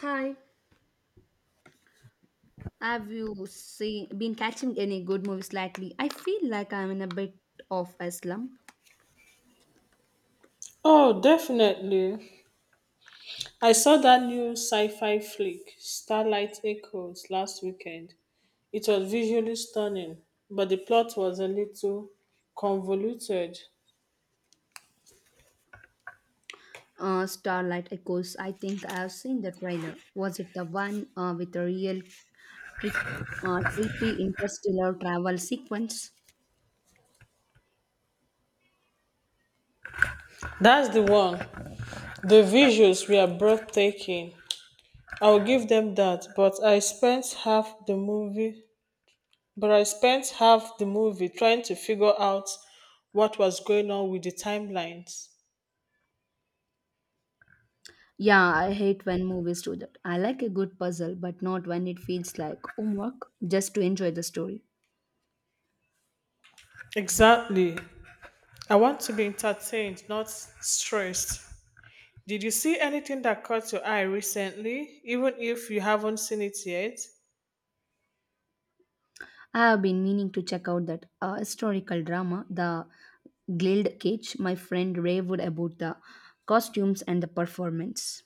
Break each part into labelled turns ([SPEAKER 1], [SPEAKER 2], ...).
[SPEAKER 1] Hi, have you seen been catching any good movies lately? I feel like I'm in a bit of a slump.
[SPEAKER 2] Oh, definitely. I saw that new sci fi flick, Starlight Echoes, last weekend. It was visually stunning, but the plot was a little convoluted.
[SPEAKER 1] Starlight Echoes. I think I have seen the trailer. Was it the one with a real trip, trippy interstellar travel sequence?
[SPEAKER 2] That's the one. The visuals were breathtaking. I'll give them that, but I spent half the movie trying to figure out what was going on with the timelines.
[SPEAKER 1] Yeah, I hate when movies do that. I like a good puzzle, but not when it feels like homework. Just to enjoy the story.
[SPEAKER 2] Exactly. I want to be entertained, not stressed. Did you see anything that caught your eye recently, even if you haven't seen it yet?
[SPEAKER 1] I have been meaning to check out that historical drama, The Gilded Cage. My friend raved about the costumes and the performance.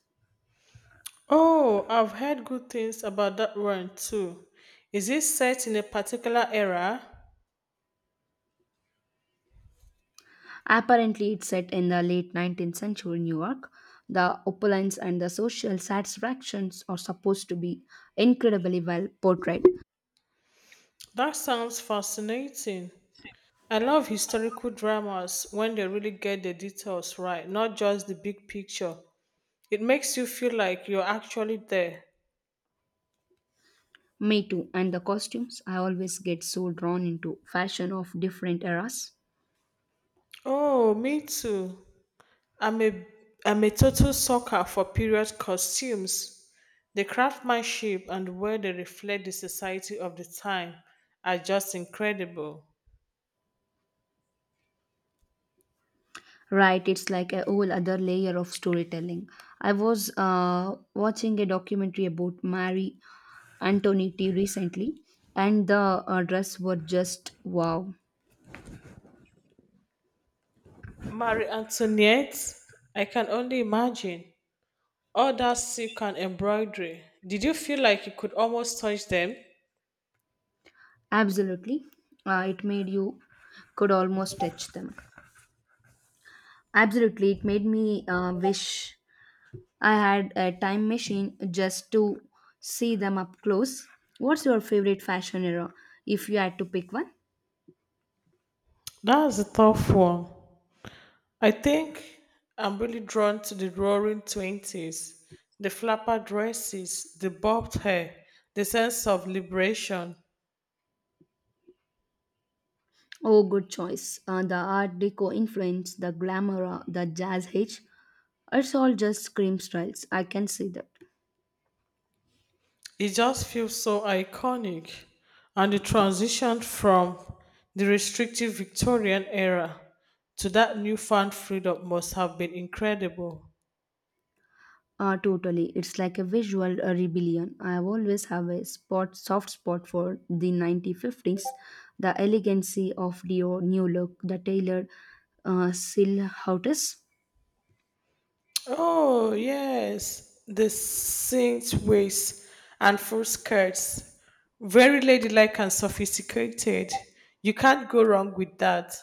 [SPEAKER 2] Oh, I've heard good things about that one too. Is it set in a particular era?
[SPEAKER 1] Apparently, it's set in the late 19th century New York. The opulence and the social satisfactions are supposed to be incredibly well portrayed.
[SPEAKER 2] That sounds fascinating. I love historical dramas when they really get the details right, not just the big picture. It makes you feel like you're actually there.
[SPEAKER 1] Me too, and the costumes. I always get so drawn into fashion of different eras.
[SPEAKER 2] Oh, me too. I'm a I'm a total sucker for period costumes. The craftsmanship and where they reflect the society of the time are just incredible.
[SPEAKER 1] Right, it's like a whole other layer of storytelling. I was watching a documentary about Marie Antoinette recently, and the dress were just wow.
[SPEAKER 2] Marie Antoinette, I can only imagine. All that silk and embroidery. Did you feel like you could almost touch them?
[SPEAKER 1] Absolutely, it made you could almost touch them. Absolutely, it made me wish I had a time machine just to see them up close. What's your favorite fashion era, if you had to pick one?
[SPEAKER 2] That's a tough one. I think I'm really drawn to the roaring 20s, the flapper dresses, the bobbed hair, the sense of liberation.
[SPEAKER 1] Oh, good choice. The Art Deco influence, the glamour, the jazz hitch. It's all just scream styles. I can see that.
[SPEAKER 2] It just feels so iconic. And the transition from the restrictive Victorian era to that newfound freedom must have been incredible.
[SPEAKER 1] Totally. It's like a visual rebellion. I always have a soft spot for the 1950s. The elegancy of Dior new look, the tailored silhouettes.
[SPEAKER 2] Oh, yes, the saint waist and full skirts. Very ladylike and sophisticated. You can't go wrong with that.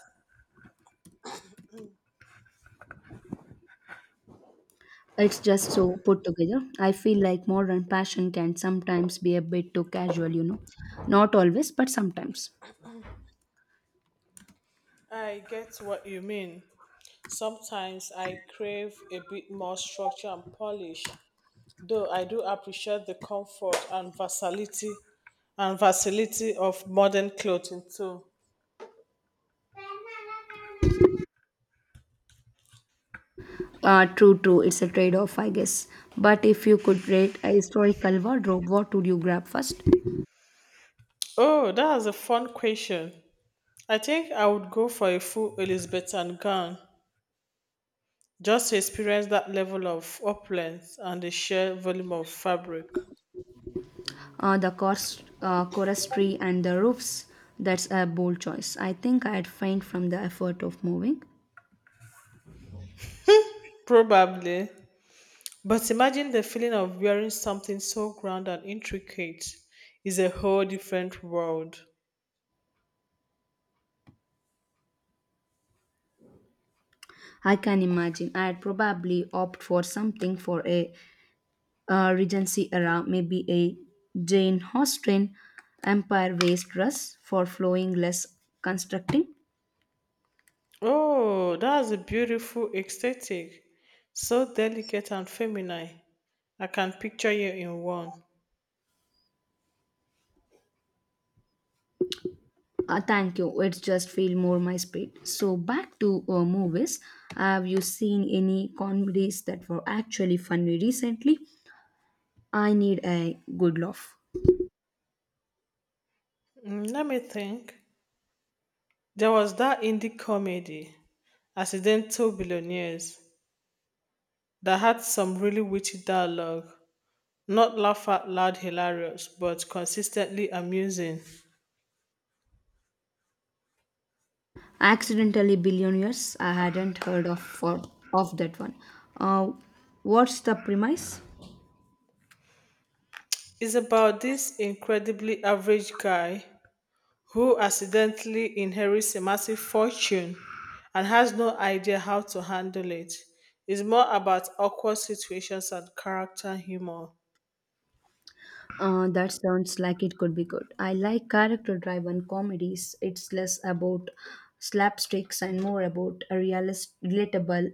[SPEAKER 1] It's just so put together. I feel like modern passion can sometimes be a bit too casual, you know. Not always, but sometimes.
[SPEAKER 2] I get what you mean. Sometimes I crave a bit more structure and polish, though I do appreciate the comfort and versatility of modern clothing too.
[SPEAKER 1] True, true. It's a trade off, I guess. But if you could rate a historical wardrobe, what would you grab first?
[SPEAKER 2] Oh, that is a fun question. I think I would go for a full Elizabethan gown just to experience that level of opulence and the sheer volume of fabric.
[SPEAKER 1] The chorus tree and the roofs. That's a bold choice. I think I'd faint from the effort of moving.
[SPEAKER 2] Probably. But imagine the feeling of wearing something so grand and intricate is a whole different world.
[SPEAKER 1] I can imagine. I'd probably opt for something for a Regency era, maybe a Jane Austen Empire waist dress for flowing, less constructing.
[SPEAKER 2] Oh, that's a beautiful aesthetic. So delicate and feminine. I can picture you in one.
[SPEAKER 1] Thank you. It's just feel more my speed. So back to movies. Have you seen any comedies that were actually funny recently? I need a good laugh.
[SPEAKER 2] Let me think. There was that indie comedy, Accidental Billionaires, that had some really witty dialogue. Not laugh out loud hilarious, but consistently amusing.
[SPEAKER 1] Accidentally Billionaires. I hadn't heard of that one. Uh, what's the premise?
[SPEAKER 2] It's about this incredibly average guy who accidentally inherits a massive fortune and has no idea how to handle it. It's more about awkward situations and character humor.
[SPEAKER 1] That sounds like it could be good. I like character-driven comedies. It's less about slapsticks and more about a realist, relatable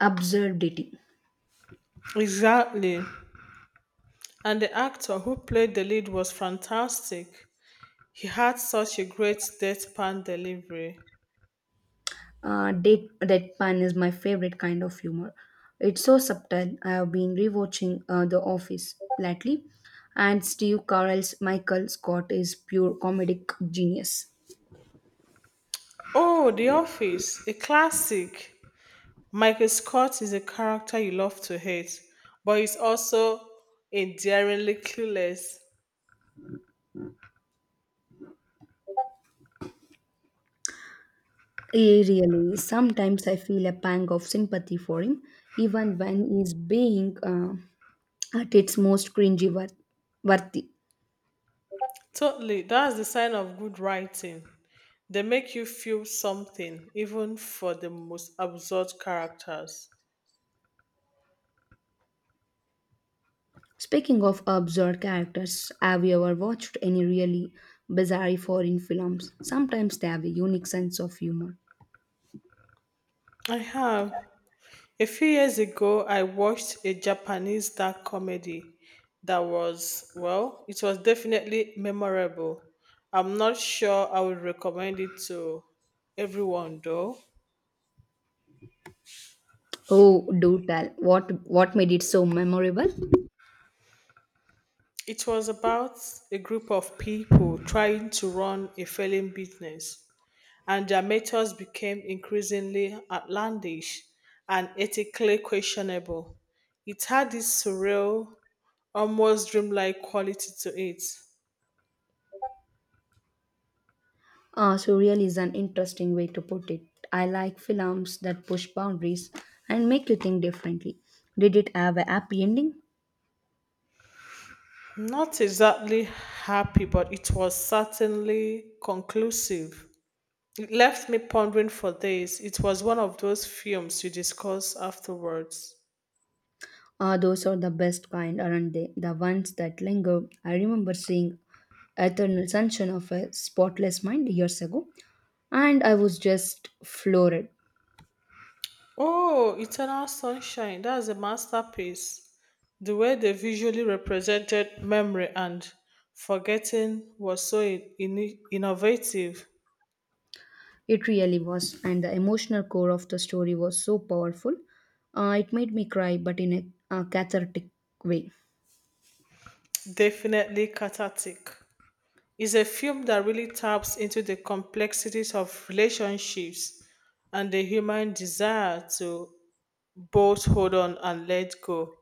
[SPEAKER 1] absurdity.
[SPEAKER 2] Exactly. And the actor who played the lead was fantastic. He had such a great deadpan delivery.
[SPEAKER 1] Deadpan is my favorite kind of humor. It's so subtle. I have been rewatching The Office lately, and Steve Carell's Michael Scott is pure comedic genius.
[SPEAKER 2] Oh, The Office, a classic. Michael Scott is a character you love to hate, but he's also endearingly clueless.
[SPEAKER 1] He really is. Sometimes I feel a pang of sympathy for him, even when he's being at its most cringy worthy.
[SPEAKER 2] Totally. That's the sign of good writing. They make you feel something, even for the most absurd characters.
[SPEAKER 1] Speaking of absurd characters, have you ever watched any really bizarre foreign films? Sometimes they have a unique sense of humor.
[SPEAKER 2] I have. A few years ago, I watched a Japanese dark comedy that was, well, it was definitely memorable. I'm not sure I would recommend it to everyone, though.
[SPEAKER 1] Oh, do tell. What made it so memorable?
[SPEAKER 2] It was about a group of people trying to run a failing business, and their methods became increasingly outlandish and ethically questionable. It had this surreal, almost dreamlike quality to it.
[SPEAKER 1] Surreal is an interesting way to put it. I like films that push boundaries and make you think differently. Did it have a happy ending?
[SPEAKER 2] Not exactly happy, but it was certainly conclusive. It left me pondering for days. It was one of those films you discuss afterwards.
[SPEAKER 1] Those are the best kind, aren't they? The ones that linger. I remember seeing Eternal Sunshine of a Spotless Mind years ago, and I was just floored.
[SPEAKER 2] Oh, Eternal Sunshine. That's a masterpiece. The way they visually represented memory and forgetting was so innovative,
[SPEAKER 1] It really was, and the emotional core of the story was so powerful. It made me cry, but in a cathartic way.
[SPEAKER 2] definitely cathartic. It's a film that really taps into the complexities of relationships and the human desire to both hold on and let go.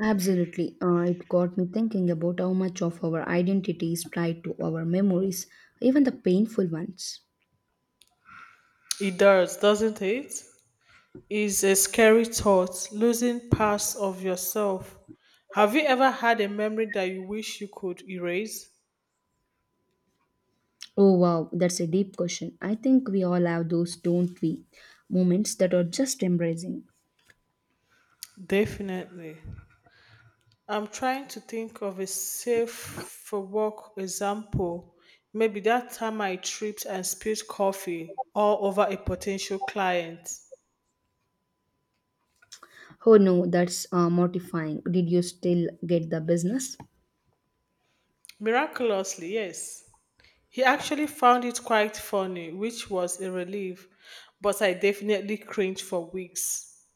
[SPEAKER 1] Absolutely. It got me thinking about how much of our identity is tied to our memories, even the painful ones.
[SPEAKER 2] It does, doesn't it? Is a scary thought, losing parts of yourself. Have you ever had a memory that you wish you could erase?
[SPEAKER 1] Oh, wow, that's a deep question. I think we all have those, don't we? Moments that are just embracing.
[SPEAKER 2] Definitely. I'm trying to think of a safe for work example. Maybe that time I tripped and spilled coffee all over a potential client.
[SPEAKER 1] Oh, no, that's mortifying. Did you still get the business?
[SPEAKER 2] Miraculously, yes. He actually found it quite funny, which was a relief, but I definitely cringed for weeks.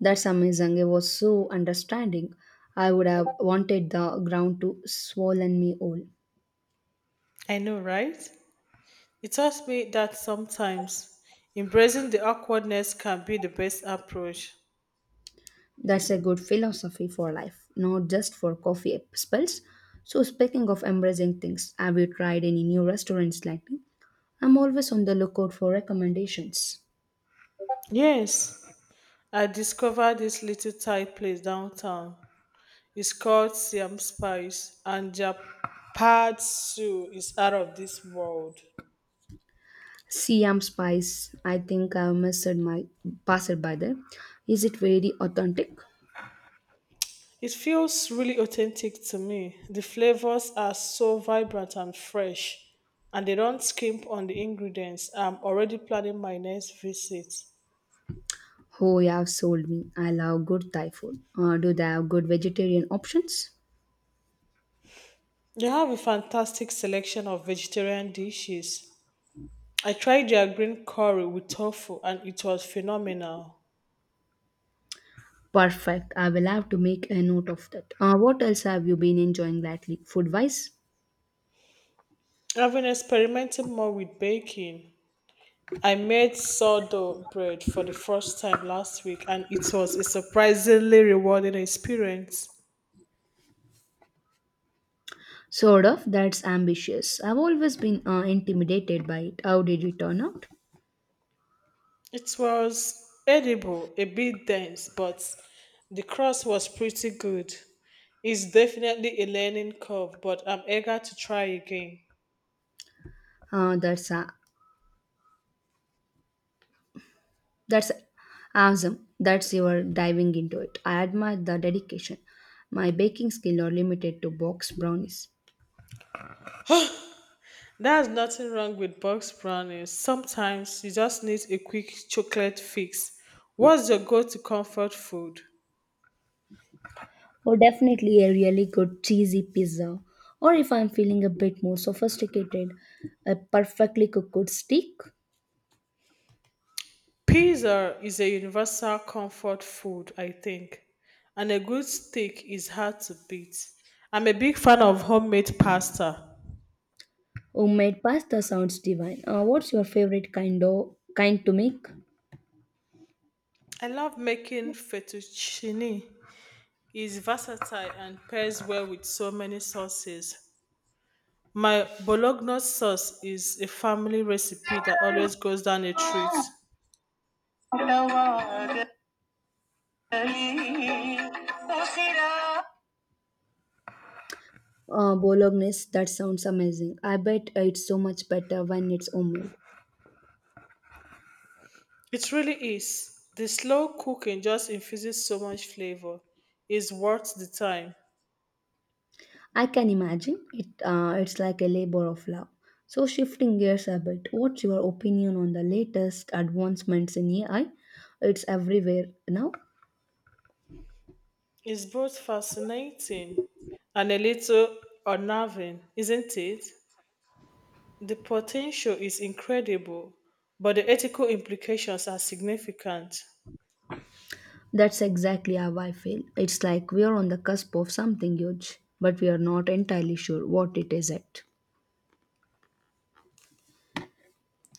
[SPEAKER 1] That's amazing. It was so understanding. I would have wanted the ground to swollen me whole.
[SPEAKER 2] I know, right? It taught me that sometimes embracing the awkwardness can be the best approach.
[SPEAKER 1] That's a good philosophy for life, not just for coffee spells. So speaking of embracing things, have you tried any new restaurants lately? I'm always on the lookout for recommendations.
[SPEAKER 2] Yes, I discovered this little Thai place downtown. It's called Siam Spice, and Japatsu is out of this world.
[SPEAKER 1] Siam Spice, I think I've missed my passed by there. Is it very authentic?
[SPEAKER 2] It feels really authentic to me. The flavors are so vibrant and fresh, and they don't skimp on the ingredients. I'm already planning my next visit.
[SPEAKER 1] Oh, you have sold me. I love good Thai food. Do they have good vegetarian options?
[SPEAKER 2] They have a fantastic selection of vegetarian dishes. I tried their green curry with tofu and it was phenomenal.
[SPEAKER 1] Perfect. I will have to make a note of that. What else have you been enjoying lately, food wise?
[SPEAKER 2] I've been experimenting more with baking. I made sourdough bread for the first time last week and it was a surprisingly rewarding experience.
[SPEAKER 1] Sort of. That's ambitious. I've always been intimidated by it. How did it turn out?
[SPEAKER 2] It was edible, a bit dense, but the crust was pretty good. It's definitely a learning curve, but I'm eager to try again.
[SPEAKER 1] Uh, that's uh, that's awesome. That's your diving into it. I admire the dedication. My baking skill are limited to box brownies.
[SPEAKER 2] There's nothing wrong with box brownies. Sometimes you just need a quick chocolate fix. What's your go to comfort food?
[SPEAKER 1] Or definitely a really good cheesy pizza. Or if I'm feeling a bit more sophisticated, a perfectly cooked steak.
[SPEAKER 2] Pizza is a universal comfort food, I think, and a good steak is hard to beat. I'm a big fan of homemade pasta.
[SPEAKER 1] Homemade pasta sounds divine. What's your favorite kind to make?
[SPEAKER 2] I love making fettuccine. It's versatile and pairs well with so many sauces. My bologna sauce is a family recipe that always goes down a treat.
[SPEAKER 1] Bolognese, that sounds amazing. I bet it's so much better when it's homemade.
[SPEAKER 2] It really is. The slow cooking just infuses so much flavor. It's worth the time.
[SPEAKER 1] I can imagine it. It's like a labor of love. So shifting gears a bit, what's your opinion on the latest advancements in AI? It's everywhere now.
[SPEAKER 2] It's both fascinating and a little unnerving, isn't it? The potential is incredible, but the ethical implications are significant.
[SPEAKER 1] That's exactly how I feel. It's like we are on the cusp of something huge, but we are not entirely sure what it is yet.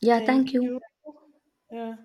[SPEAKER 1] Yeah,
[SPEAKER 2] Thank
[SPEAKER 1] thank you.
[SPEAKER 2] you. Yeah.